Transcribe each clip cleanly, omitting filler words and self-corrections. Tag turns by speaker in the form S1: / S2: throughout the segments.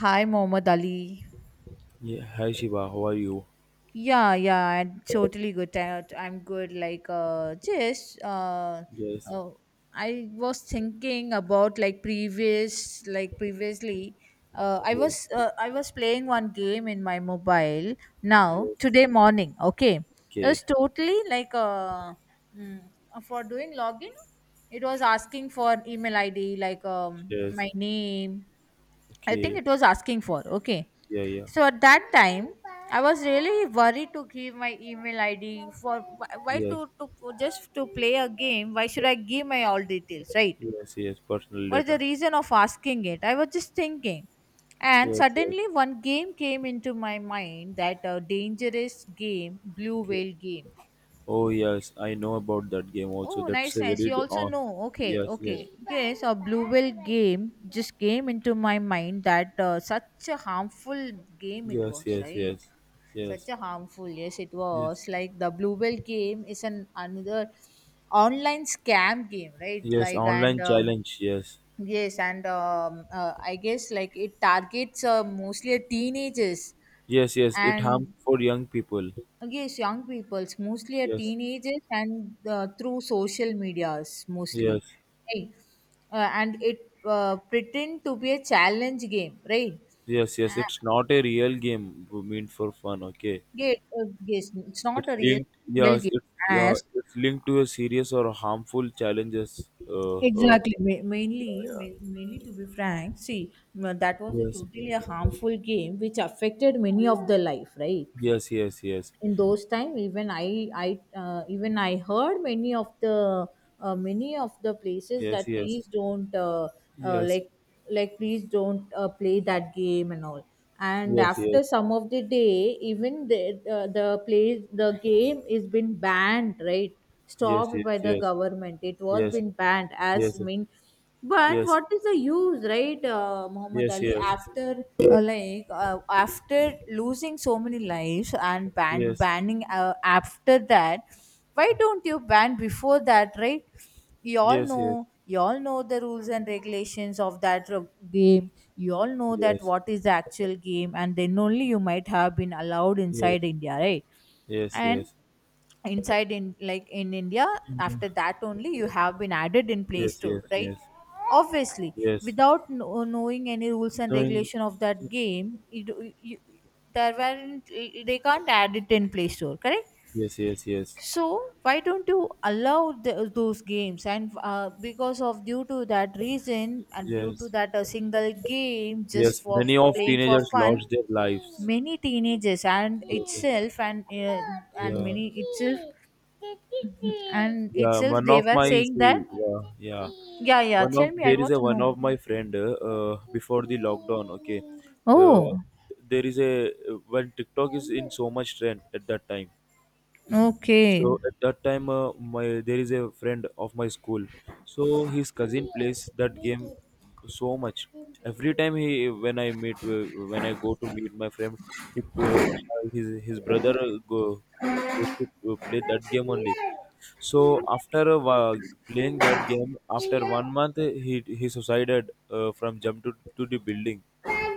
S1: Hi, Muhammad Ali.
S2: Yeah, hi Shiva, how are you?
S1: Yeah, yeah, I'm totally good. I'm good. Like, just,
S2: Yes,
S1: uh, I was thinking about like previously,
S2: yes,
S1: I was playing one game in my mobile now
S2: yes.
S1: today morning. Okay, it
S2: Okay,
S1: was totally like, mm, for doing login, it was asking for email ID, like,
S2: yes,
S1: my name. I think
S2: okay,
S1: it was asking for. Okay.
S2: yeah, yeah,
S1: So at that time, I was really worried to give my email ID for why to,
S2: yes,
S1: to just to play a game. Why should I give my all details, right?
S2: yes, yes. Personal
S1: What is the
S2: data.
S1: reason of asking it? I was just thinking, and
S2: Yes, yes.
S1: suddenly one game came into my mind that dangerous game, blue
S2: Okay.
S1: whale game.
S2: Oh yes, I know about that game also.
S1: Oh,
S2: That's
S1: nice,
S2: a
S1: nice.
S2: very
S1: You also
S2: on.
S1: know. Okay,
S2: Yes, yes,
S1: okay. Yes, a blue whale game just came into my mind that such a harmful game it
S2: yes,
S1: was,
S2: yes,
S1: right?
S2: yes, yes,
S1: Such a harmful, yes, it
S2: yes,
S1: was like the bluebell game is an another online scam game, right?
S2: yes.
S1: Like and
S2: Online challenge. Yes,
S1: yes. And I guess like it targets mostly at teenagers
S2: yes, yes. It harms
S1: and
S2: for young people.
S1: yes, young peoples mostly at
S2: Yes,
S1: teenagers and through social medias mostly,
S2: yes,
S1: right. And it pretend to be a challenge game, right.
S2: yes, yes.
S1: uh,
S2: It's not a real game meant for fun. Okay.
S1: yeah, uh, yes, it's not
S2: It's
S1: a real
S2: linked,
S1: real
S2: yes,
S1: game
S2: it's yeah,
S1: as
S2: it's linked to a serious or harmful challenges. Uh,
S1: exactly.
S2: yeah, yeah.
S1: Mainly, to be frank, see, well, that was a
S2: Yes,
S1: totally a harmful game which affected many of the life, right?
S2: yes, yes, yes,
S1: In those time, even I heard many of the places
S2: yes,
S1: that
S2: yes,
S1: please don't uh,
S2: yes, yes,
S1: like like please don't play that game and all. And
S2: yes, yes,
S1: after some of the day, even the play the game is been banned, right?
S2: yes, yes, yes, yes, yes,
S1: Stopped by
S2: yes, yes, yes,
S1: the
S2: yes, yes,
S1: government, it was been banned as mean. But what is the use, right, Muhammad Ali? After after losing so many lives and banning after that, why don't you ban before that, right? You all know the rules and regulations of that game. You all know
S2: yes,
S1: that
S2: yes,
S1: what is the actual game, and then only you might have been allowed inside India, right?
S2: yes,
S1: And
S2: yes,
S1: inside in like in India,
S2: mhm,
S1: after that only you have been added in play
S2: yes,
S1: store,
S2: yes,
S1: right?
S2: yes,
S1: Obviously
S2: yes,
S1: without no, knowing any rules and
S2: knowing,
S1: regulation of that game it, you, there weren't, they can't add it in play store, correct.
S2: yes, yes, yes,
S1: So why don't you allow the, those games? And because of due to that reason, and due to
S2: yes,
S1: that a single game just
S2: yes.
S1: for
S2: Many of
S1: playing for
S2: teenagers
S1: fun,
S2: lost their lives.
S1: many teenagers and
S2: Yes,
S1: itself and
S2: yeah.
S1: many itself and
S2: Yeah,
S1: itself
S2: one
S1: they
S2: of
S1: were
S2: my
S1: saying that.
S2: see, yeah,
S1: Yeah, yeah, tell me, I want to
S2: one
S1: know.
S2: of my friend before the lockdown. Okay, uh,
S1: Oh,
S2: there is a when TikTok is in so much trend at that time.
S1: okay.
S2: So at that time, my there is a friend of my school. So his cousin plays that game so much. Every time he when I meet when I go to meet my friend, he his brother go, goes to play that game only. So after a playing that game, after one month, he suicided from jump to the building.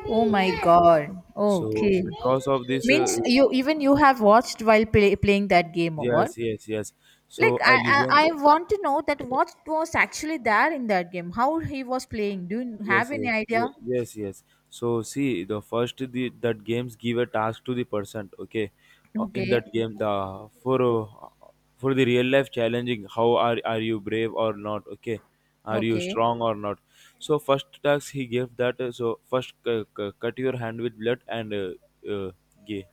S1: Oh my
S2: Okay,
S1: God.
S2: so
S1: Okay.
S2: because of this,
S1: Means you even you have watched while playing that game or what?
S2: yes, yes, yes. So
S1: Like
S2: I listened.
S1: I want to know that what was actually there in that game, how he was playing. Do you
S2: Yes,
S1: have any
S2: yes,
S1: idea?
S2: yes, yes. So see, the that games give a task to the person. Okay, in
S1: Okay,
S2: that game, the for the real life challenging, how are you brave or not? Okay, are you
S1: okay,
S2: strong or not? So first task he gave that. So first cut your hand with blood and uh, gay.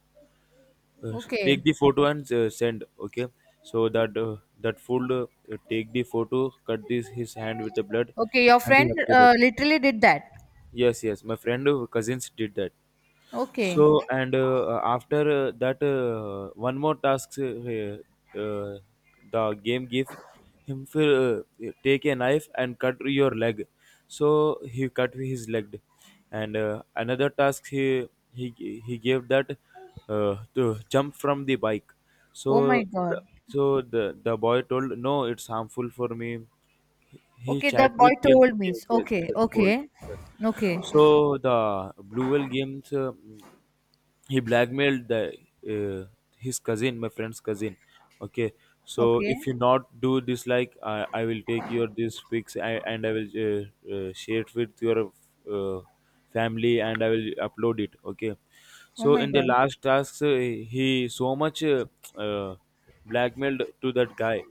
S2: Uh, Take
S1: okay,
S2: the photo and send. Okay, so that that fool take the photo, cut this his hand with the blood,
S1: okay. Your
S2: and he
S1: friend
S2: uploaded.
S1: literally did that.
S2: Yes, yes. My friend cousins did that.
S1: Okay.
S2: So and after that, one more task uh, the game gives him for take a knife and cut your leg. So he cut his leg, and another task he gave that to jump from the bike.
S1: Oh my
S2: So
S1: God.
S2: the, so the boy told no, it's harmful for me. He
S1: Okay, the
S2: chat
S1: boy
S2: with him.
S1: told me.
S2: Yes, yes,
S1: Okay,
S2: yes, bold.
S1: okay,
S2: Yes.
S1: okay,
S2: So the Blue Whale games, he blackmailed the uh, his cousin, my friend's cousin. Okay, so
S1: okay.
S2: if you not do this, like I will take your this pics I, and I will share it with your uh, family and I will upload it. Okay,
S1: Oh
S2: so
S1: my
S2: in the
S1: God.
S2: last tasks, he so much uh, blackmailed to that guy.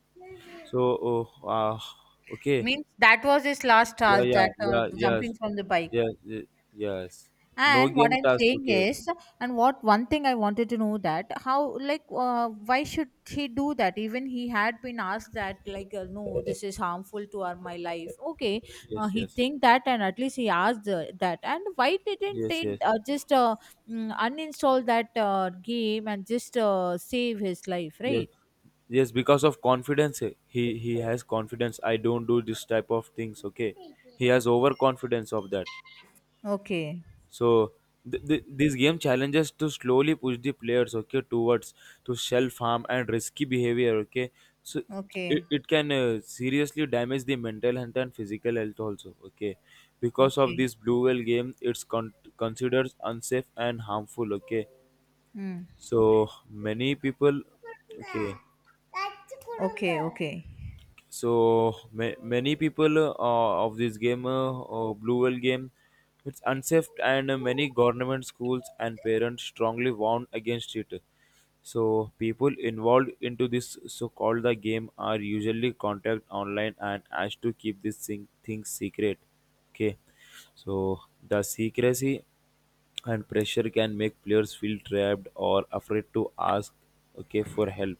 S2: So uh, okay,
S1: Means that was his last
S2: yeah,
S1: task,
S2: yeah,
S1: that
S2: yeah, yes,
S1: jumping from the bike.
S2: yeah, yes. No
S1: And what
S2: game
S1: I'm
S2: task.
S1: saying
S2: Okay.
S1: is, and what one thing I wanted to know that how, like, why should he do that? Even he had been asked that, like, no, this is harmful to our my life. Okay,
S2: Yes,
S1: he
S2: yes,
S1: think that, and at least he asked that. And why didn't
S2: yes,
S1: they
S2: yes,
S1: uninstall that game and just save his life,
S2: yes,
S1: right?
S2: yes. Because of confidence, eh, he has confidence. I don't do this type of things. Okay, he has overconfidence of that.
S1: Okay,
S2: So this game challenges to slowly push the players, okay, towards to self harm and risky behavior, okay. So
S1: okay,
S2: it can seriously damage the mental health and physical health also, okay. Because of
S1: okay.
S2: this blue whale game, it's considered unsafe and harmful, okay.
S1: Hmm.
S2: So many people, okay,
S1: Okay, okay.
S2: so many people of this game blue whale game, it's unsafe and many government schools and parents strongly warn against it. So people involved into this so-called the game are usually contact online and asked to keep this thing things secret, okay. So the secrecy and pressure can make players feel trapped or afraid to ask, okay, for help.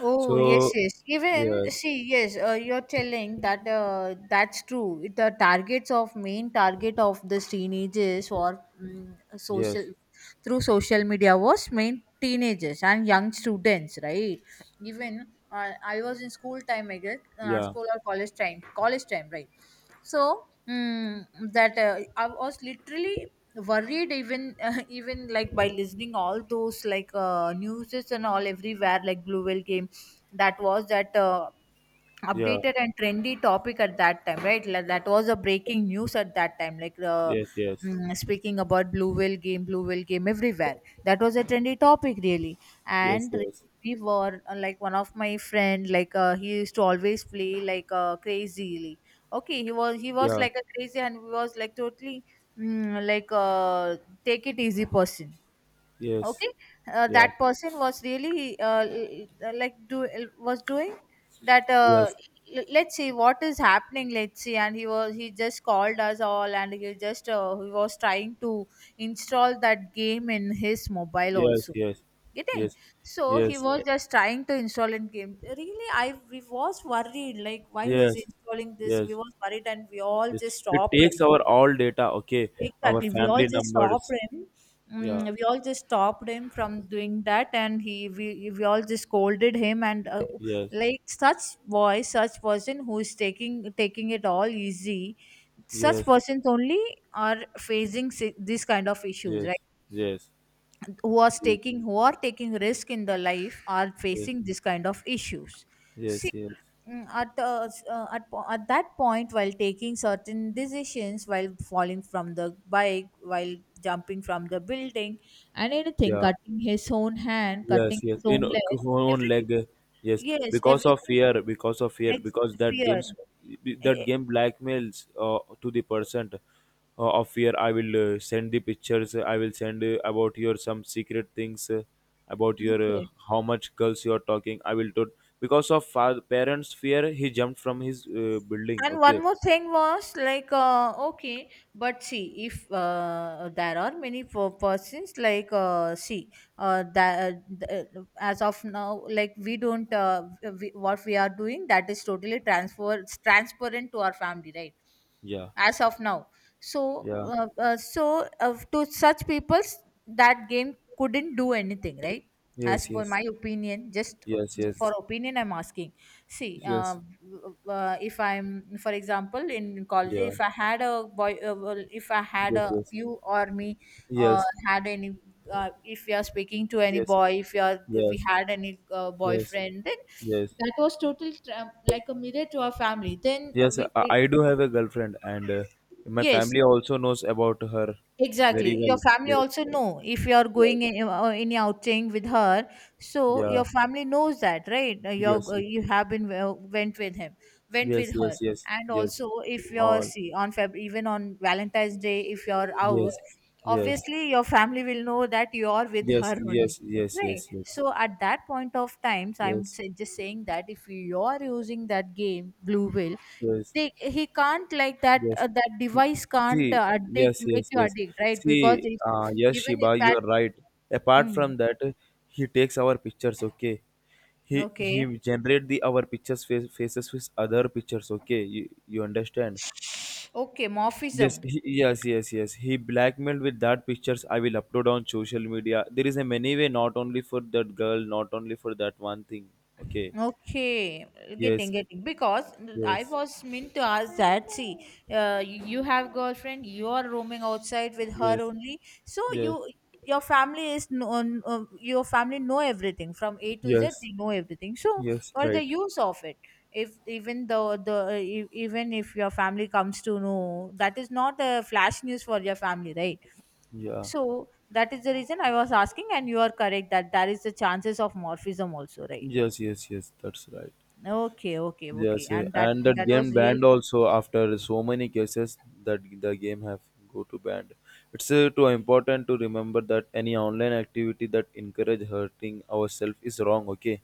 S1: Oh yes,
S2: So
S1: yes. Even
S2: yeah,
S1: see, yes, you're telling that that's true. The targets of main target of the teenagers or mm, social
S2: yes,
S1: through social media was main teenagers and young students, right? Even I was in school time, I guess,
S2: yeah,
S1: school or college time, right? So mm, that I was literally worried, even even like by listening all those like newses and all everywhere like blue whale game, that was that
S2: yeah,
S1: updated and trendy topic at that time, right? Like that was a breaking news at that time, like
S2: yes, yes,
S1: speaking about blue whale game, blue whale game everywhere, that was a trendy topic really.
S2: yes,
S1: And
S2: yes,
S1: we were like one of my friend, like he used to always play like crazily. Okay, he was
S2: yeah,
S1: like a crazy, and he was like totally mm, like take it easy person.
S2: yes,
S1: Okay,
S2: yeah,
S1: that person was really like do, was doing that
S2: yes,
S1: let's see what is happening, let's see. And he was, he just called us all, and he just he was trying to install that game in his mobile
S2: yes,
S1: also,
S2: yes,
S1: getting.
S2: yes,
S1: So he
S2: yes,
S1: was, yeah, just trying to install in game, really. I, we was worried like why he is
S2: yes,
S1: installing this, we
S2: yes,
S1: was worried, and we all
S2: yes.
S1: just
S2: It
S1: stopped.
S2: takes our all data, okay, our
S1: Exactly. We all
S2: family
S1: just stopped
S2: numbers.
S1: him.
S2: Yeah,
S1: Mm, we all just stopped him from doing that, and he we all just scolded him. And
S2: yes,
S1: like such boy, such person who is taking it all easy, such
S2: yes,
S1: persons only are facing this kind of issues, right?
S2: yes, yes,
S1: Who are
S2: yes,
S1: taking, who are taking risk in the life are
S2: yes,
S1: facing this kind of issues.
S2: yes, yes,
S1: Mm, at, the, at, po- At that point while taking certain decisions, while falling from the bike, while jumping from the building and anything,
S2: yeah.
S1: cutting his own hand, cutting
S2: Yes, yes.
S1: his own leg,
S2: Own
S1: everything.
S2: leg, yes.
S1: Yes,
S2: Because of
S1: everything.
S2: fear, because of fear,
S1: ex-
S2: because that
S1: Fear.
S2: games,
S1: Eh,
S2: that
S1: eh,
S2: game blackmails to the person of fear. I will send the pictures. I will send about your some secret things, about your
S1: okay.
S2: how much girls you are talking. I will do because of parents' fear. He jumped from his building.
S1: And one
S2: Okay.
S1: more thing was like, okay, but see, if there are many persons like, see, that uh, as of now, like we don't, we, what we are doing that is totally transfer transparent to our family, right?
S2: Yeah.
S1: As of now, so
S2: Yeah.
S1: to such people, that game couldn't do anything, right? As
S2: Yes.
S1: per
S2: Yes.
S1: my opinion, just
S2: Yes. Yes.
S1: for opinion, I'm asking. See,
S2: Yes.
S1: if I'm, for example, in college,
S2: Yeah.
S1: if I had a boy, well, if I had
S2: Yes.
S1: a
S2: Yes.
S1: you or me,
S2: Yes.
S1: had any, if we are speaking to any
S2: Yes.
S1: boy, if we are, if we
S2: Yes.
S1: had any
S2: Yes.
S1: boyfriend, then
S2: Yes,
S1: that was total like a mirror to our family. Then
S2: yes,
S1: we,
S2: I do have a girlfriend, and my
S1: yes,
S2: family also knows about her very
S1: exactly. Your
S2: well.
S1: family
S2: Yes,
S1: also know if you are
S2: yes,
S1: going in, any outing with her, so
S2: yeah,
S1: your family knows that, right? You're,
S2: yes,
S1: you have been went with him, went
S2: yes,
S1: with her,
S2: yes, yes,
S1: and
S2: yes,
S1: also if you're
S2: all,
S1: see on Feb, even on Valentine's Day, if you're out,
S2: yes, yes,
S1: obviously your family will know that you are with
S2: yes,
S1: her only,
S2: yes, yes, yes,
S1: right?
S2: yes, yes,
S1: So at that point of times, I'm
S2: yes,
S1: just saying that if you are using that game Blue Whale,
S2: yes.
S1: they he can't like that
S2: Yes.
S1: that device can't
S2: See,
S1: addict,
S2: yes,
S1: make
S2: yes,
S1: you
S2: yes.
S1: addict, right? Because
S2: See,
S1: if,
S2: yes,
S1: even if
S2: Shiba,
S1: that
S2: you're right. Apart
S1: mm,
S2: from that, he takes our pictures, okay? He
S1: okay,
S2: generate the our pictures face, faces with other pictures, okay? You understand?
S1: okay, morphism.
S2: Yes, he, yes, yes, yes. He blackmailed with that pictures. I will upload on social media. There is a many way, not only for that girl, not only for that one thing. Okay.
S1: Okay, getting,
S2: Yes,
S1: getting, because I
S2: yes,
S1: was meant to ask that. See, you have girlfriend, you are roaming outside with her
S2: yes,
S1: only, so you
S2: yes,
S1: your family is known, your family know everything from A to Z.
S2: yes,
S1: They know everything. So,
S2: yes.
S1: or the
S2: Right.
S1: use of it. If even though the even if your family comes to know, that is not a flash news for your family, right?
S2: Yeah.
S1: So that is the reason I was asking, and you are correct that there is the chances of morphism also, right?
S2: Yes, yes, yes, that's right.
S1: Okay, okay, okay.
S2: Yes, eh,
S1: And that
S2: and that
S1: that
S2: game
S1: was real,
S2: banned also after so many cases that the game have go to banned. It's too important to remember that any online activity that encourage hurting ourselves is wrong. Okay,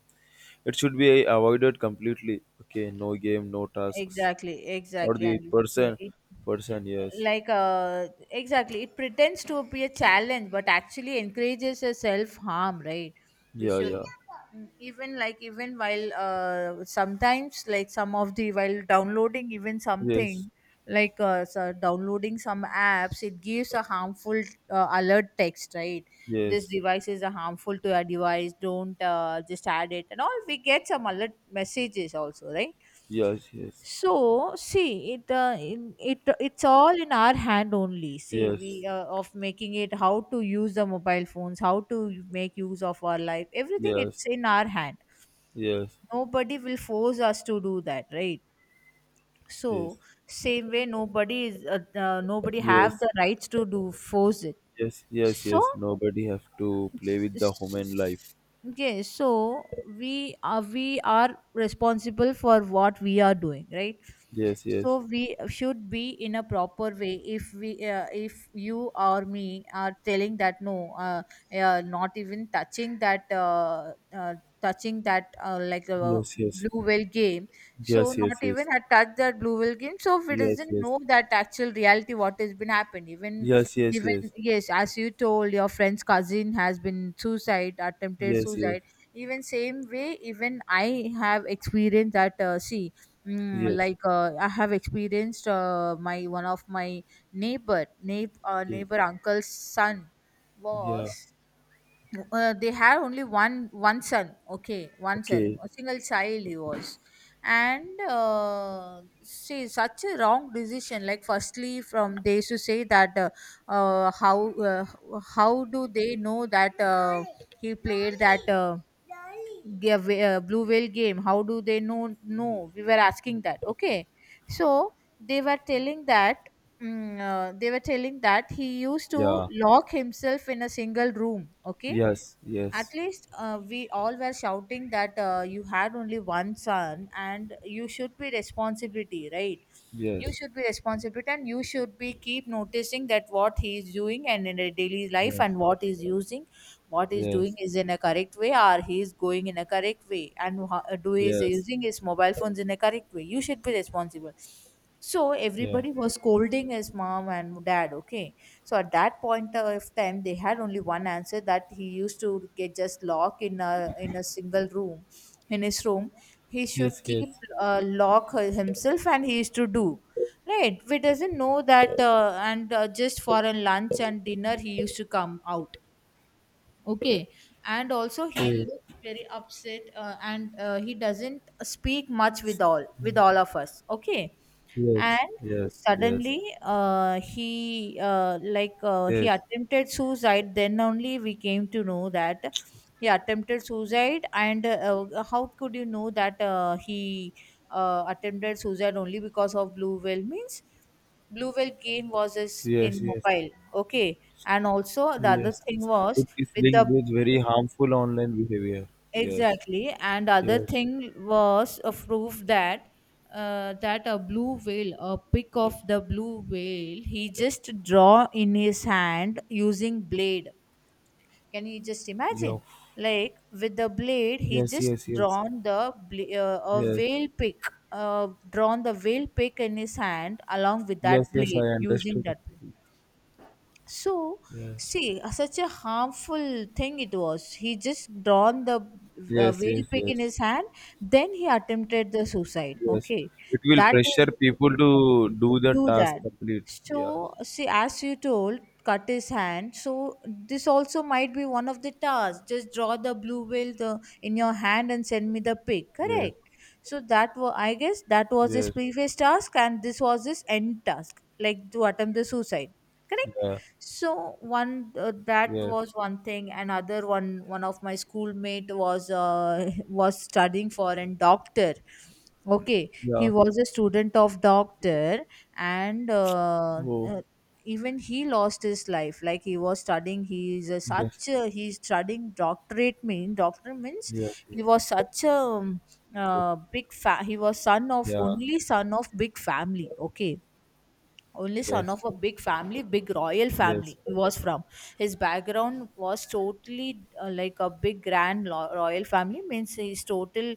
S2: it should be eh, avoided completely. Okay, no game, no tasks,
S1: exactly,
S2: or
S1: exactly.
S2: the
S1: And uh,
S2: person,
S1: it,
S2: person. Yes,
S1: like, uh, exactly, it pretends to be a challenge, but actually encourages a self harm, right? We
S2: yeah,
S1: should.
S2: yeah,
S1: Even like even while sometimes like some of the while downloading even
S2: yes,
S1: something like so downloading some apps, it gives a harmful alert text, right? This
S2: yes,
S1: device is a harmful to your device, don't just add it, and all we get some alert messages also, right?
S2: yes, yes,
S1: So see it's all in our hand only, see
S2: yes,
S1: we of making it, how to use the mobile phones, how to make use of our life, everything
S2: yes,
S1: it's in our hand.
S2: yes, yes.
S1: Nobody will force us to do that, right?
S2: Yes,
S1: So same way, nobody have
S2: yes.
S1: the rights to do force it.
S2: Yes, yes,
S1: So
S2: yes. Nobody have to play with the human life.
S1: S- okay, so we are responsible for what we are doing, right?
S2: Yes,
S1: So
S2: yes,
S1: we should be in a proper way. If we if you or me are telling that no, uh, not even touching that
S2: yes, yes,
S1: blue whale game, so
S2: yes, yes,
S1: not even
S2: yes,
S1: had touched that blue whale game, so we
S2: yes,
S1: doesn't
S2: yes,
S1: know that actual reality what has been happened. even
S2: yes, yes,
S1: even
S2: yes,
S1: yes, as you told, your friend's cousin has been suicide, attempted
S2: yes, yes,
S1: suicide. Even same way, even I have experienced that. See,
S2: yes,
S1: I have experienced my one of my neighbor, neighbor, uh,
S2: yes,
S1: neighbor uncle's son
S2: yeah.
S1: was they have only one son, okay, one son,
S2: Okay,
S1: a single child, he was. And see, such a wrong decision. Like firstly from, they used to say that, uh, how uh, how do they know that he played that blue whale game. How do they know? No, we were asking that, okay. So they were telling that mm, they were telling that he used to
S2: yeah,
S1: lock himself in a single room, okay.
S2: yes,
S1: At
S2: yes,
S1: least we all were shouting that, you had only one son and you should be responsibility, right? You
S2: yes,
S1: should be responsible and you should be keep noticing that what he is doing, and in a daily life,
S2: yes,
S1: and what is using, what
S2: yes,
S1: is doing,
S2: yes,
S1: is in a correct way, or he is going in a correct way, and do he is
S2: yeah,
S1: using his mobile phones in a correct way. You should be responsible. So everybody was scolding his mom and dad, okay. So at that point of time, they had only one answer, that he used to get just locked in a single room, in his room. He should
S2: yes, yes,
S1: keep lock himself, and he used to do. Right, we doesn't know that, and just for a lunch and dinner he used to come out. Okay, and also he
S2: okay,
S1: looks very upset, and he doesn't speak much with all of us. Okay.
S2: yes,
S1: And
S2: yes, yes,
S1: suddenly he
S2: yes, yes,
S1: attempted suicide, then only we came to know that he attempted suicide. And how could you know that he attempted suicide only because of blue whale, means blue whale game was is
S2: yes,
S1: in
S2: yes.
S1: mobile, okay. And also the other
S2: Yes.
S1: thing was
S2: It is
S1: with the.
S2: linked with very harmful online behavior. Yes,
S1: Exactly, and other
S2: yes,
S1: thing was a proof that that a blue whale, a pic of the blue whale, he just draw in his hand using blade. Can you just
S2: yeah.
S1: imagine? Like with the blade, he
S2: Yes,
S1: just
S2: yes, yes,
S1: drawn the a
S2: yes,
S1: whale pic, drawn the whale pic in his hand along with
S2: yes,
S1: that
S2: yes. I
S1: blade using
S2: understood.
S1: that. So
S2: Yes.
S1: see, such a harmful thing it was, he just drawn the
S2: Yes,
S1: whale
S2: yes,
S1: pick in
S2: yes,
S1: his hand. Then he attempted the suicide,
S2: yes.
S1: okay.
S2: It will
S1: That is,
S2: pressure people to do the
S1: do
S2: task
S1: that.
S2: complete. Yes,
S1: So, see, as you told, cut his hand. So this also might be one of the tasks. Just draw the blue whale the, in your hand and send me the pic.
S2: yes,
S1: Correct. So that was, I guess, that was his
S2: yes,
S1: previous task, and this was his end task, like to attempt the suicide. Correct.
S2: yeah,
S1: So one that
S2: yes,
S1: was one thing. Another one, one of my schoolmate was was studying for a doctor. Okay,
S2: yeah.
S1: he was a student of doctor, and
S2: Oh,
S1: even he lost his life. Like he was studying, he is a
S2: yes,
S1: such a, he's studying doctorate, mean doctor means,
S2: yes, yes,
S1: he was such a
S2: yes,
S1: big he was son of
S2: yeah,
S1: only son of big family. Okay, only son
S2: yes,
S1: of a big family, big royal family
S2: yes.
S1: he was from. His background was totally like a big grand royal family, means his total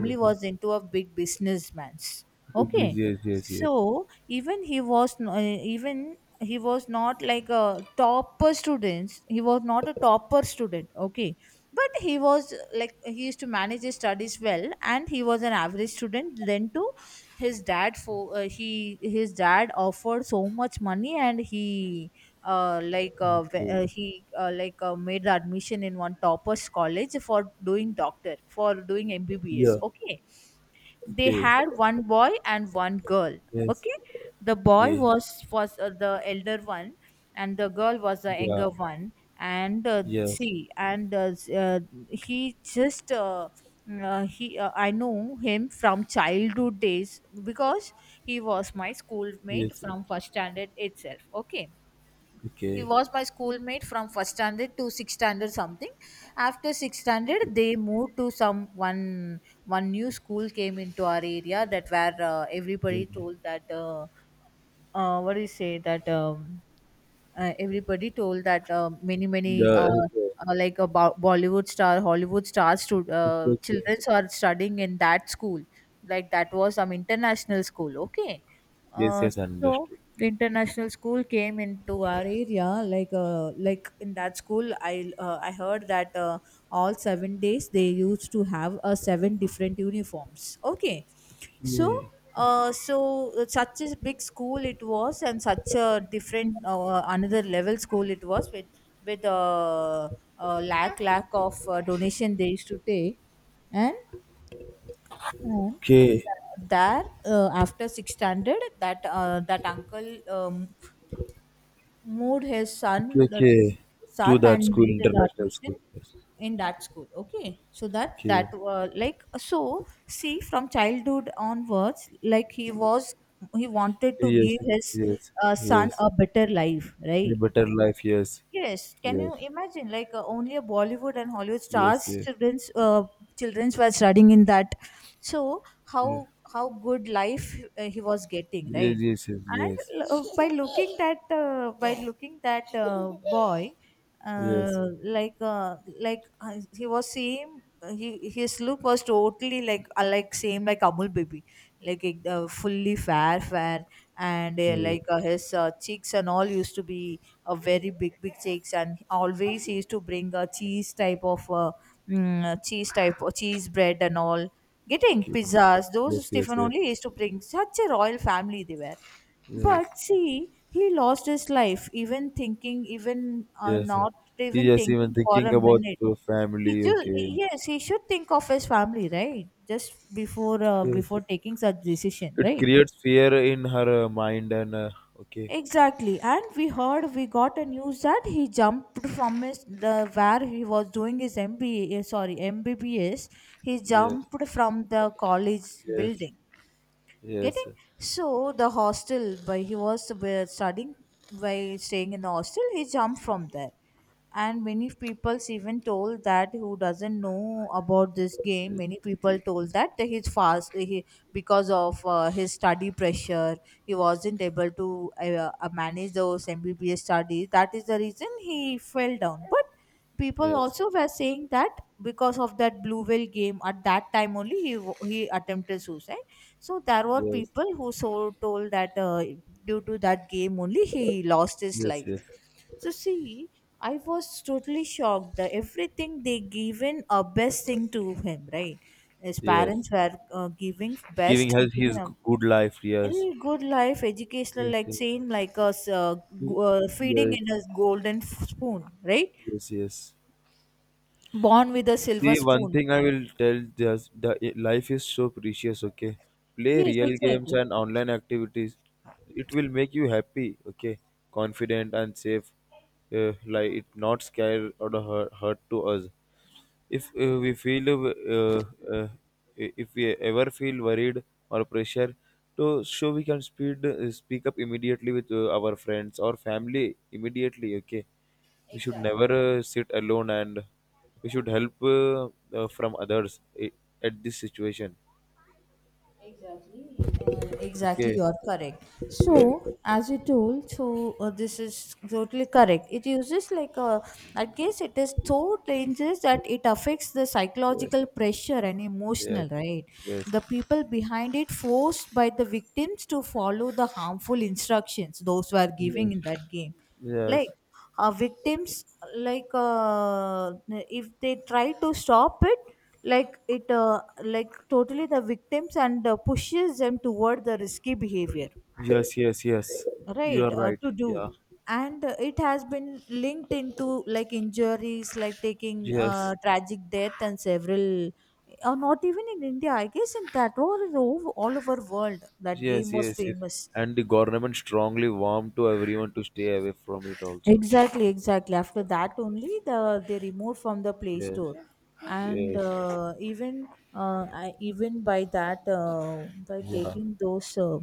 S2: Okay,
S1: was into a big businessman's,
S2: big
S1: okay.
S2: busy. Yes, yes, yes.
S1: So even he was not like a topper students. He was not a topper student, okay. But he was like, he used to manage his studies well, and he was an average student then too. His dad for he his dad offered so much money, and he
S2: Okay.
S1: he made the admission in one toppers college for doing doctor, for doing MBBS,
S2: Yeah.
S1: okay. They
S2: Okay.
S1: had one boy and one girl,
S2: Yes.
S1: okay. The boy
S2: Okay.
S1: was the elder one, and the girl was the
S2: Yeah.
S1: younger one. And
S2: Yes.
S1: see, and he just uh, he I know him from childhood days, because he was my schoolmate
S2: Yes. Yes.
S1: from first standard itself, okay. He
S2: Okay.
S1: was my schoolmate from first standard to sixth standard something. After sixth standard,
S2: Okay.
S1: they moved to some one new school came into our area, that where
S2: Yeah.
S1: everybody told that, what do you say that, everybody told that, many many
S2: The okay.
S1: like a Bollywood star, Hollywood stars, to
S2: Okay. Okay.
S1: children are studying in that school. Like that was some international school. Okay,
S2: Yes,
S1: uh,
S2: yes,
S1: so
S2: understood.
S1: the international school came into our area. Like in that school, I heard that. All 7 days they used to have a seven different uniforms, okay. so
S2: Okay,
S1: uh, so uh, such a big school it was, and such a different another level school it was with lack of donation they used to take. And uh,
S2: okay,
S1: there after sixth standard, that that uncle moved his
S2: okay,
S1: son
S2: okay.
S1: to
S2: To
S1: son
S2: that
S1: and
S2: school,
S1: made an
S2: international school.
S1: admission
S2: Yes,
S1: in that school, okay. so that
S2: okay.
S1: that uh, like so see, from childhood onwards, like he wanted to give
S2: Yes,
S1: his
S2: yes,
S1: son
S2: yes.
S1: a better life,
S2: A
S1: right?
S2: better life. Yes,
S1: Yes, can
S2: yes,
S1: you imagine? Only a Bollywood and Hollywood
S2: yes,
S1: stars,
S2: yes,
S1: children's were studying in that. So
S2: yeah,
S1: how good life he was getting,
S2: yes,
S1: right?
S2: yes, yes, yes,
S1: And by looking that boy,
S2: yes.
S1: uh, like uh, he was same. He, his look was totally like same like Amul baby, fully fair fair, and
S2: Okay,
S1: his cheeks and all used to be a very big big cheeks, and always
S2: okay,
S1: he used to bring a cheese type of cheese type of cheese bread and all, getting
S2: okay,
S1: pizzas,
S2: yes,
S1: those
S2: yes,
S1: Stephen
S2: yes.
S1: only used to bring, such a royal family they were. But
S2: Yes,
S1: see, he lost his life even thinking, even
S2: yes,
S1: not even
S2: yes, even
S1: thinking for
S2: thinking
S1: a
S2: about
S1: minute.
S2: the
S1: He
S2: family,
S1: should,
S2: okay.
S1: yes, he should think of his family, right? Just
S2: Yes,
S1: before taking such decision,
S2: it
S1: right?
S2: creates fear in her mind and okay.
S1: Exactly. And we got a news that he jumped from his the where he was doing his MBA, sorry, MBBS. He
S2: Yes,
S1: jumped from the college
S2: yes,
S1: building.
S2: yes,
S1: Getting, so the hostel by he was studying, by staying in the hostel, he jumped from there. And many people even told that, who doesn't know about this game,
S2: yes.
S1: many people told that he's fast he, because of his study pressure, he wasn't able to manage those MBBS studies, that is the reason he fell down. But people
S2: Yes.
S1: also were saying that because of that blue whale game at that time only he attempted suicide. So there were
S2: Yes,
S1: people who so told that due to that game only he lost his
S2: yes,
S1: life.
S2: yes,
S1: So see, I was totally shocked that everything they given a best thing to him, right? His
S2: yes.
S1: parents were giving
S2: Giving
S1: best,
S2: her
S1: giving
S2: his
S1: him
S2: good life.
S1: a
S2: Yes,
S1: little good life, educational,
S2: yes,
S1: like
S2: yes,
S1: saying like us,
S2: Y-
S1: feeding
S2: yes,
S1: in a golden spoon, right?
S2: yes. Yes.
S1: Born with a silver
S2: See, one
S1: spoon.
S2: thing I will tell just the life is so precious. Okay, play
S1: Yes,
S2: real games
S1: exactly.
S2: and online activities. It will make you happy. Okay, confident and safe. Like it not scare or the hurt, hurt to us. if uh, we feel uh, uh, uh, if we ever feel worried or pressure to show we can speed speak up immediately with our friends or family immediately, okay. We should never sit alone and we should help from others at this situation,
S1: Exactly,
S2: okay.
S1: you're correct.
S2: Yes,
S1: So, as you told, this is totally correct. It uses like a, I guess it is so dangerous that it affects the
S2: yes,
S1: psychological pressure and
S2: yes,
S1: emotional, right? The people behind it forced by the victims to follow the harmful instructions those were giving
S2: yes,
S1: in that game. like
S2: yes,
S1: Victims, like uh, if they try to stop it, like totally the victims, and pushes them toward the risky behavior,
S2: yes, yes, yes, yes, you are
S1: right,
S2: right,
S1: to do.
S2: yeah,
S1: And it has been linked into like injuries, like taking
S2: yes.
S1: tragic death and several, or not even in India, I guess, in that all over world that game
S2: Yes,
S1: was
S2: yes, yes.
S1: famous.
S2: And the government strongly warned to everyone to stay away from it also.
S1: Exactly, exactly. After that only the they removed from the Play
S2: Yes,
S1: Store, and
S2: yes,
S1: even I, even by that by
S2: yeah,
S1: taking those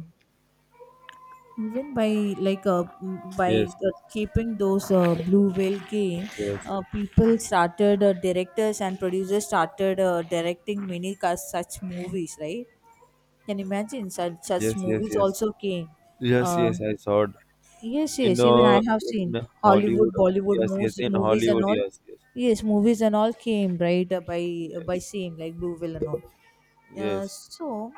S1: even by by
S2: yes,
S1: keeping those Blue Whale game,
S2: yes,
S1: people started directors and producers started directing many such movies. Right? Can you imagine, such such
S2: yes, yes,
S1: movies
S2: yes,
S1: also came.
S2: yes,
S1: Uh,
S2: yes. I saw it
S1: Yes, yes, even I have seen
S2: in Hollywood.
S1: Hollywood, Bollywood
S2: Yes, yes,
S1: movies,
S2: in
S1: movies and
S2: Hollywood.
S1: all.
S2: Yes, yes,
S1: Yes, movies and all came right, by
S2: yes,
S1: same like Blue Whale and all. Uh,
S2: yes,
S1: so,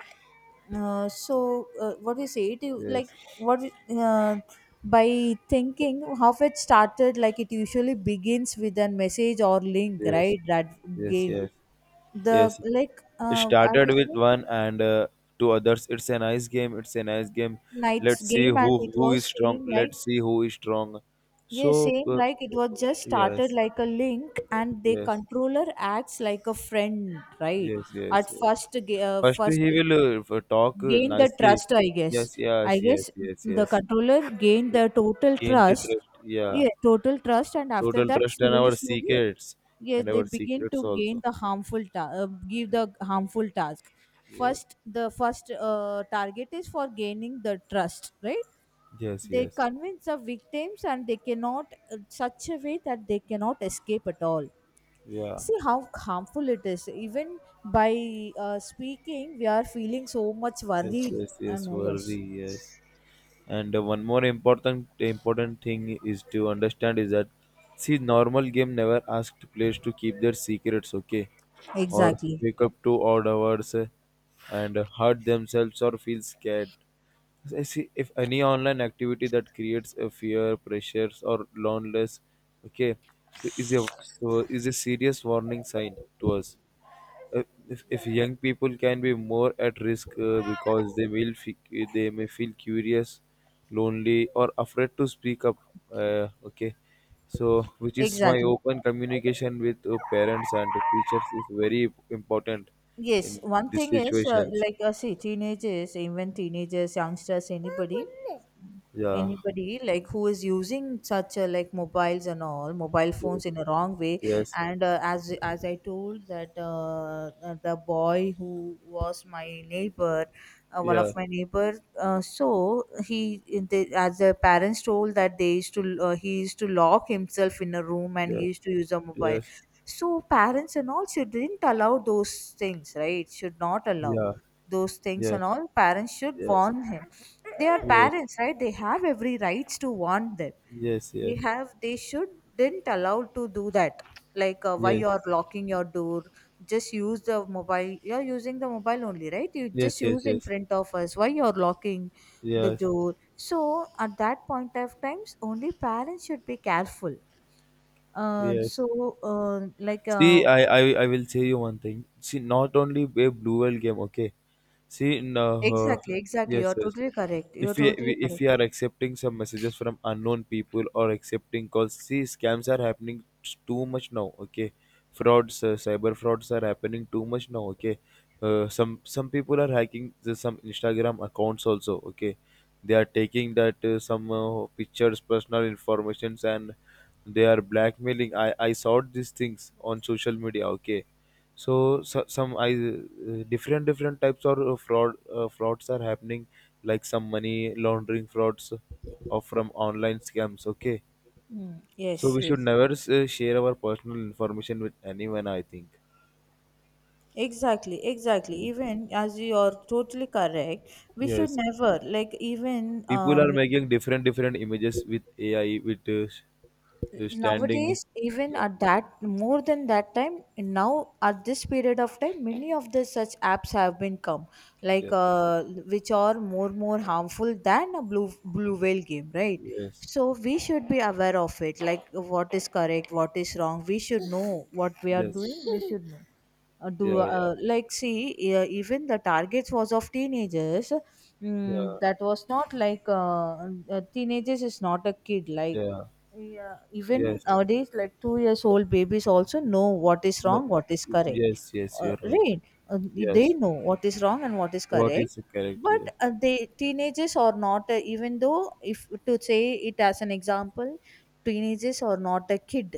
S1: so what we say it is like, what we- uh, by thinking how it started, like it usually begins with a message or link,
S2: yes,
S1: right, that
S2: yes,
S1: game,
S2: yes,
S1: the
S2: yes, yes.
S1: like
S2: It
S1: I
S2: started
S1: was
S2: with
S1: saying,
S2: one and two others. It's a nice game, it's a nice game.
S1: night's
S2: Let's see
S1: game
S2: who
S1: and it
S2: who is
S1: was
S2: strong,
S1: same like.
S2: let's see who is strong.
S1: Yeah,
S2: So
S1: same like it was just
S2: yes,
S1: started like a link, and the
S2: yes,
S1: controller acts like a friend, right?
S2: yes, yes,
S1: At
S2: yes.
S1: first,
S2: First
S1: first
S2: he will talk
S1: gain the
S2: nicely.
S1: trust, I guess.
S2: Yes,
S1: I
S2: yes, yes,
S1: guess
S2: yes,
S1: the
S2: yes,
S1: controller gained
S2: yeah.
S1: the total
S2: Gain the
S1: trust.
S2: trust, yeah.
S1: Yeah, total trust, and after
S2: Total
S1: that,
S2: trust and
S1: slowly,
S2: our
S1: slowly,
S2: secrets,
S1: yes,
S2: and
S1: they
S2: our
S1: begin
S2: secrets
S1: to gain
S2: also,
S1: the harmful give
S2: yeah.
S1: the harmful task.
S2: Yes,
S1: First, the first target is for gaining the trust, right?
S2: yes,
S1: They
S2: yes,
S1: convince the victims and they cannot in such a way that they cannot escape at all.
S2: yeah,
S1: See how harmful it is. Even by speaking we are feeling so much
S2: yes,
S1: worried
S2: yes,
S1: and
S2: yes, worry,
S1: nervous.
S2: yes. And one more important important thing is to understand is that, see, normal game never asked players to keep their secrets, okay, or
S1: Exactly,
S2: wake up to odd hours, and hurt themselves or feel scared. I see, if any online activity that creates a fear, pressures, or loneliness, okay, is a so is a serious warning sign to us. If, if young people can be more at risk, because they will they may feel curious, lonely or afraid to speak up, okay, so which is my
S1: exactly,
S2: open communication with parents and teachers is very important
S1: yes,
S2: in
S1: one
S2: these
S1: thing is
S2: situations.
S1: see teenagers, even teenagers, youngsters, anybody
S2: Yeah,
S1: anybody like who is using such a like mobiles and all mobile
S2: yes,
S1: phones in a wrong way.
S2: yes,
S1: And uh, as as I told that the boy who was my neighbor, one of
S2: yeah,
S1: my neighbor, so he they, as the parents told, that they used to, he used to lock himself in a room and he
S2: yes,
S1: used to use a mobile.
S2: yes,
S1: So parents and all shouldn't allow those things, right? Should not allow
S2: yeah,
S1: those things,
S2: yes,
S1: and all parents should
S2: yes,
S1: warn him. They are
S2: yes,
S1: parents, right? They have every rights to warn them.
S2: yes,
S1: They have, they should didn't allowed to do that. Like, why
S2: yes,
S1: you are locking your door? Just use the mobile. You are using the mobile only, right? You just
S2: yes, yes, yes,
S1: use in
S2: yes,
S1: front of us. Why you are locking the
S2: yes,
S1: door? So at that point of times, only parents should be careful. Uh,
S2: yes.
S1: so uh, like
S2: See,
S1: uh,
S2: I will say you one thing. See, not only a blue whale game, okay. See, no,
S1: exactly, exactly. You
S2: yes,
S1: are
S2: yes.
S1: totally correct. You are
S2: If we,
S1: totally
S2: if
S1: correct.
S2: we are accepting some messages from unknown people or accepting calls, see, scams are happening too much now, okay. Frauds, cyber frauds are happening too much now, okay. Some some people are hacking some Instagram accounts also, okay. They are taking that some pictures, personal informations, and they are blackmailing. I saw these things on social media, okay. So, so some I different different types of frauds are happening, like some money laundering frauds or from online scams, okay.
S1: Mm,
S2: So
S1: yes,
S2: we should
S1: yes.
S2: never share our personal information with anyone, I think.
S1: Exactly, exactly. Even as you are totally correct, we should
S2: Yes,
S1: never, like, even
S2: people are
S1: um
S2: making different different images with AI with standing.
S1: Nowadays, even
S2: Yeah,
S1: at that more than that time, now at this period of time, many of the such apps have been come, like
S2: yes,
S1: which are more harmful than a blue whale game, right?
S2: yes,
S1: So we should be aware of it, like what is correct, what is wrong. We should know what we are
S2: yes,
S1: doing. We should know. Do
S2: yeah, yeah,
S1: like see Even the targets was of teenagers.
S2: yeah,
S1: Mm, that was not like teenagers is not a kid, like,
S2: yeah,
S1: yeah, even
S2: yes,
S1: nowadays like 2 years old babies also know what is
S2: no,
S1: wrong, what is correct.
S2: yes, yes,
S1: uh,
S2: you're right,
S1: right uh, they
S2: yes.
S1: know what is wrong and what is
S2: What
S1: correct.
S2: is the correct?
S1: but
S2: Here?
S1: uh, they teenagers are not, even though if to say it as an example, teenagers are not a kid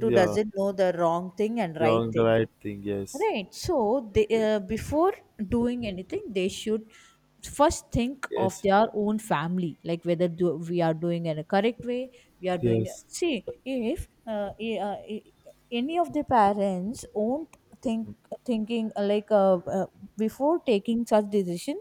S1: who doesn't know the wrong thing and right
S2: Wrong. The
S1: thing.
S2: right thing. Yes.
S1: Right. So they, before doing anything, they should first think of
S2: Yes.
S1: their own family, like whether do, we are doing in a correct way. We are doing,
S2: Yes.
S1: see if any of the parents won't think thinking like before taking such decision,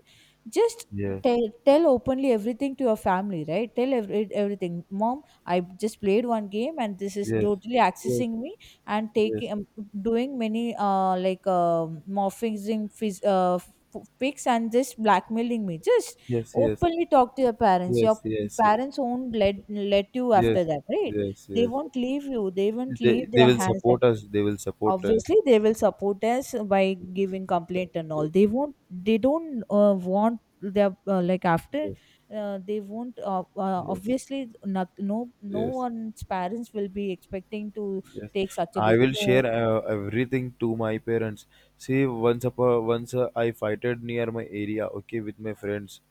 S1: just
S2: Yes. Yeah.
S1: tell tell openly everything to your family, right? Tell everything: mom, I just played one game and this is
S2: Yes.
S1: totally
S2: Yes.
S1: accessing me and
S2: Yes.
S1: taking doing many, morphing, phys- uh, pics, and just blackmailing me. Just
S2: Yes. Yes.
S1: openly talk to your parents. Your
S2: Yes. Yes. Yes.
S1: parents won't let you after
S2: Yes.
S1: that, right?
S2: Yes.
S1: They
S2: Yes.
S1: won't leave you, they won't leave
S2: They
S1: their
S2: will
S1: hands up.
S2: support us. They will support us.
S1: Obviously they will support us by giving complaint and all.
S2: Yes.
S1: They won't, they don't want their like after,
S2: Yes.
S1: they won't
S2: Yes.
S1: obviously not. No, no
S2: Yes.
S1: one's parents will be expecting to
S2: Yes,
S1: take such a
S2: I
S1: de-
S2: will
S1: no.
S2: share everything to my parents. See, once upon once I fighted near my area, okay, with my friends.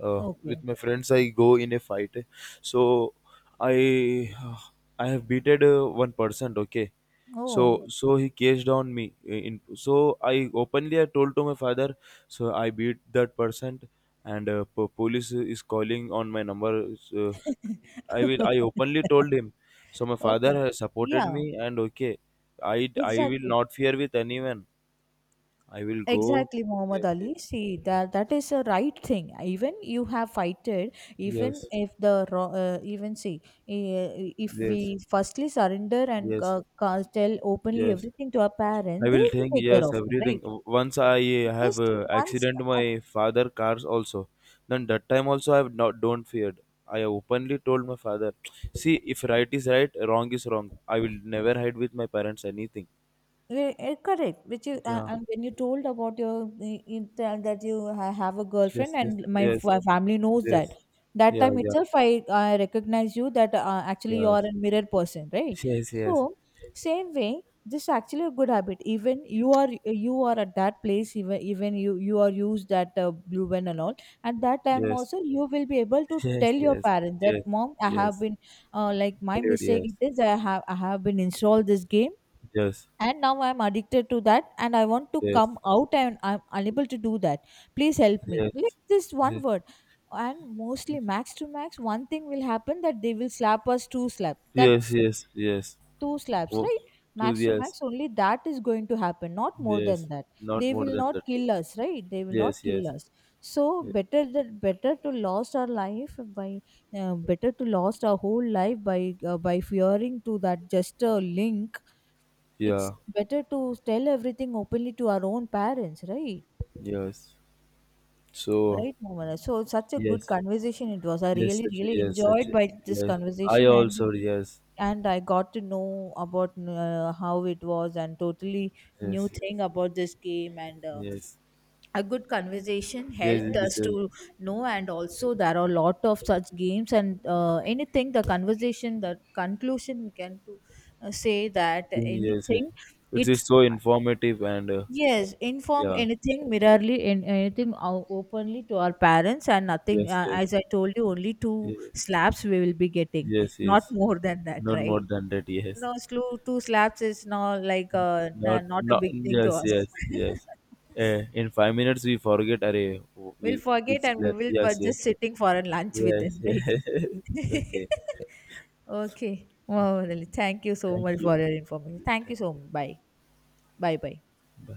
S1: Okay.
S2: With my friends, I go in a fight. So, I uh, I have beated one person, okay.
S1: Oh.
S2: So so he caged on me. In so I openly I told to my father, so I beat that person, and police is calling on my number. So I openly told him. So my father
S1: Okay.
S2: has supported me,
S1: Yeah,
S2: and okay, I will
S1: exactly.
S2: not fear with anyone, I will go.
S1: Exactly, Muhammad
S2: Yes, yes,
S1: Ali. See that that is a right thing. Even you have fighted, even
S2: yes,
S1: if the even see, eh, if
S2: yes,
S1: we firstly surrender and
S2: yes,
S1: tell openly
S2: yes.
S1: everything to our
S2: I
S1: parents, they
S2: will
S1: will
S2: think
S1: take care
S2: yes,
S1: of it, right?
S2: everything. Once I have
S1: Just once
S2: accident my father cars also. Then that time also I have not don't feared. I openly told my father, see, if right is right, wrong is wrong. I will never hide with my parents anything.
S1: Re- eh, correct. Which is,
S2: Yeah.
S1: and when you told about your eh, you tell that you ha- have a girlfriend
S2: Yes. Yes.
S1: and my
S2: Yes.
S1: fa- family knows that.
S2: Yes.
S1: That
S2: Yeah.
S1: time
S2: Yeah.
S1: itself, I recognize you that actually you are
S2: Yes.
S1: a mirror person, right?
S2: Yes. Yes.
S1: So same way, this is actually a good habit. Even you are at that place. Even you you are used that blue pen and all. At that time
S2: Yes.
S1: also, you will be able to
S2: Yes.
S1: tell your
S2: Yes. Yes.
S1: parents that mom, I have
S2: Yes.
S1: been like my
S2: Cleared.
S1: mistake
S2: Yes.
S1: it is, I have been installed this game
S2: Yes. Yes.
S1: and now I'm addicted to that and I want to
S2: Yes.
S1: come out and I'm unable to do that. Please help me, like this one
S2: Yes.
S1: word. And mostly max to max one thing will happen: that they will slap us two slaps.
S2: Yes.
S1: That's it.
S2: Yes. Yes.
S1: Two slaps,
S2: Oh,
S1: right?
S2: two
S1: Max to
S2: yes.
S1: max only that is going to happen, not more
S2: Yes,
S1: than that.
S2: not
S1: They
S2: more
S1: will
S2: than
S1: not
S2: that.
S1: kill
S2: Yes,
S1: us, right? They will not
S2: yes,
S1: kill
S2: yes,
S1: us. So
S2: y-
S1: better that, better to lost our life by, better to lost our whole life by fearing to that just a link. It's
S2: yeah,
S1: better to tell everything openly to our own parents, right?
S2: yes. So
S1: Right, Momana. So such a good
S2: yes,
S1: conversation it was. I
S2: yes,
S1: really,
S2: such a,
S1: really
S2: yes, such
S1: enjoyed
S2: a,
S1: by this
S2: yes. I
S1: conversation,
S2: also yes,
S1: and I got to know about how it was, and totally new
S2: yes,
S1: thing
S2: yes,
S1: about this game. And
S2: yes,
S1: A good conversation
S2: yes.
S1: helped
S2: This
S1: us
S2: is
S1: to know. And also, there are a lot of such games and anything. The conversation, the conclusion we can to say that
S2: yes. Yes.
S1: anything
S2: It is
S1: it.
S2: so informative and
S1: Yes, inform
S2: yeah,
S1: anything mirrorly in anything openly to our parents and nothing.
S2: yes, yes,
S1: As I told you, only two
S2: yes,
S1: slaps we will be getting,
S2: yes,
S1: not
S2: yes.
S1: more than that,
S2: Not more
S1: right?
S2: than that. Yes,
S1: No, slo- two slaps is not like
S2: not
S1: n- not a
S2: not
S1: big thing to
S2: yes,
S1: us.
S2: yes, yes. In 5 minutes we forget. Array,
S1: We'll
S2: we
S1: forget and we
S2: slept.
S1: will,
S2: Yes,
S1: but just
S2: yes,
S1: sitting for a lunch with them,
S2: yes, yes.
S1: right?
S2: yes. Okay.
S1: Okay.
S2: Okay.
S1: Wow, really. Thank you so
S2: Thank
S1: much
S2: you.
S1: for your information.
S2: Please,
S1: Thank
S2: thank
S1: you so much. Bye. Bye. Bye.
S2: you.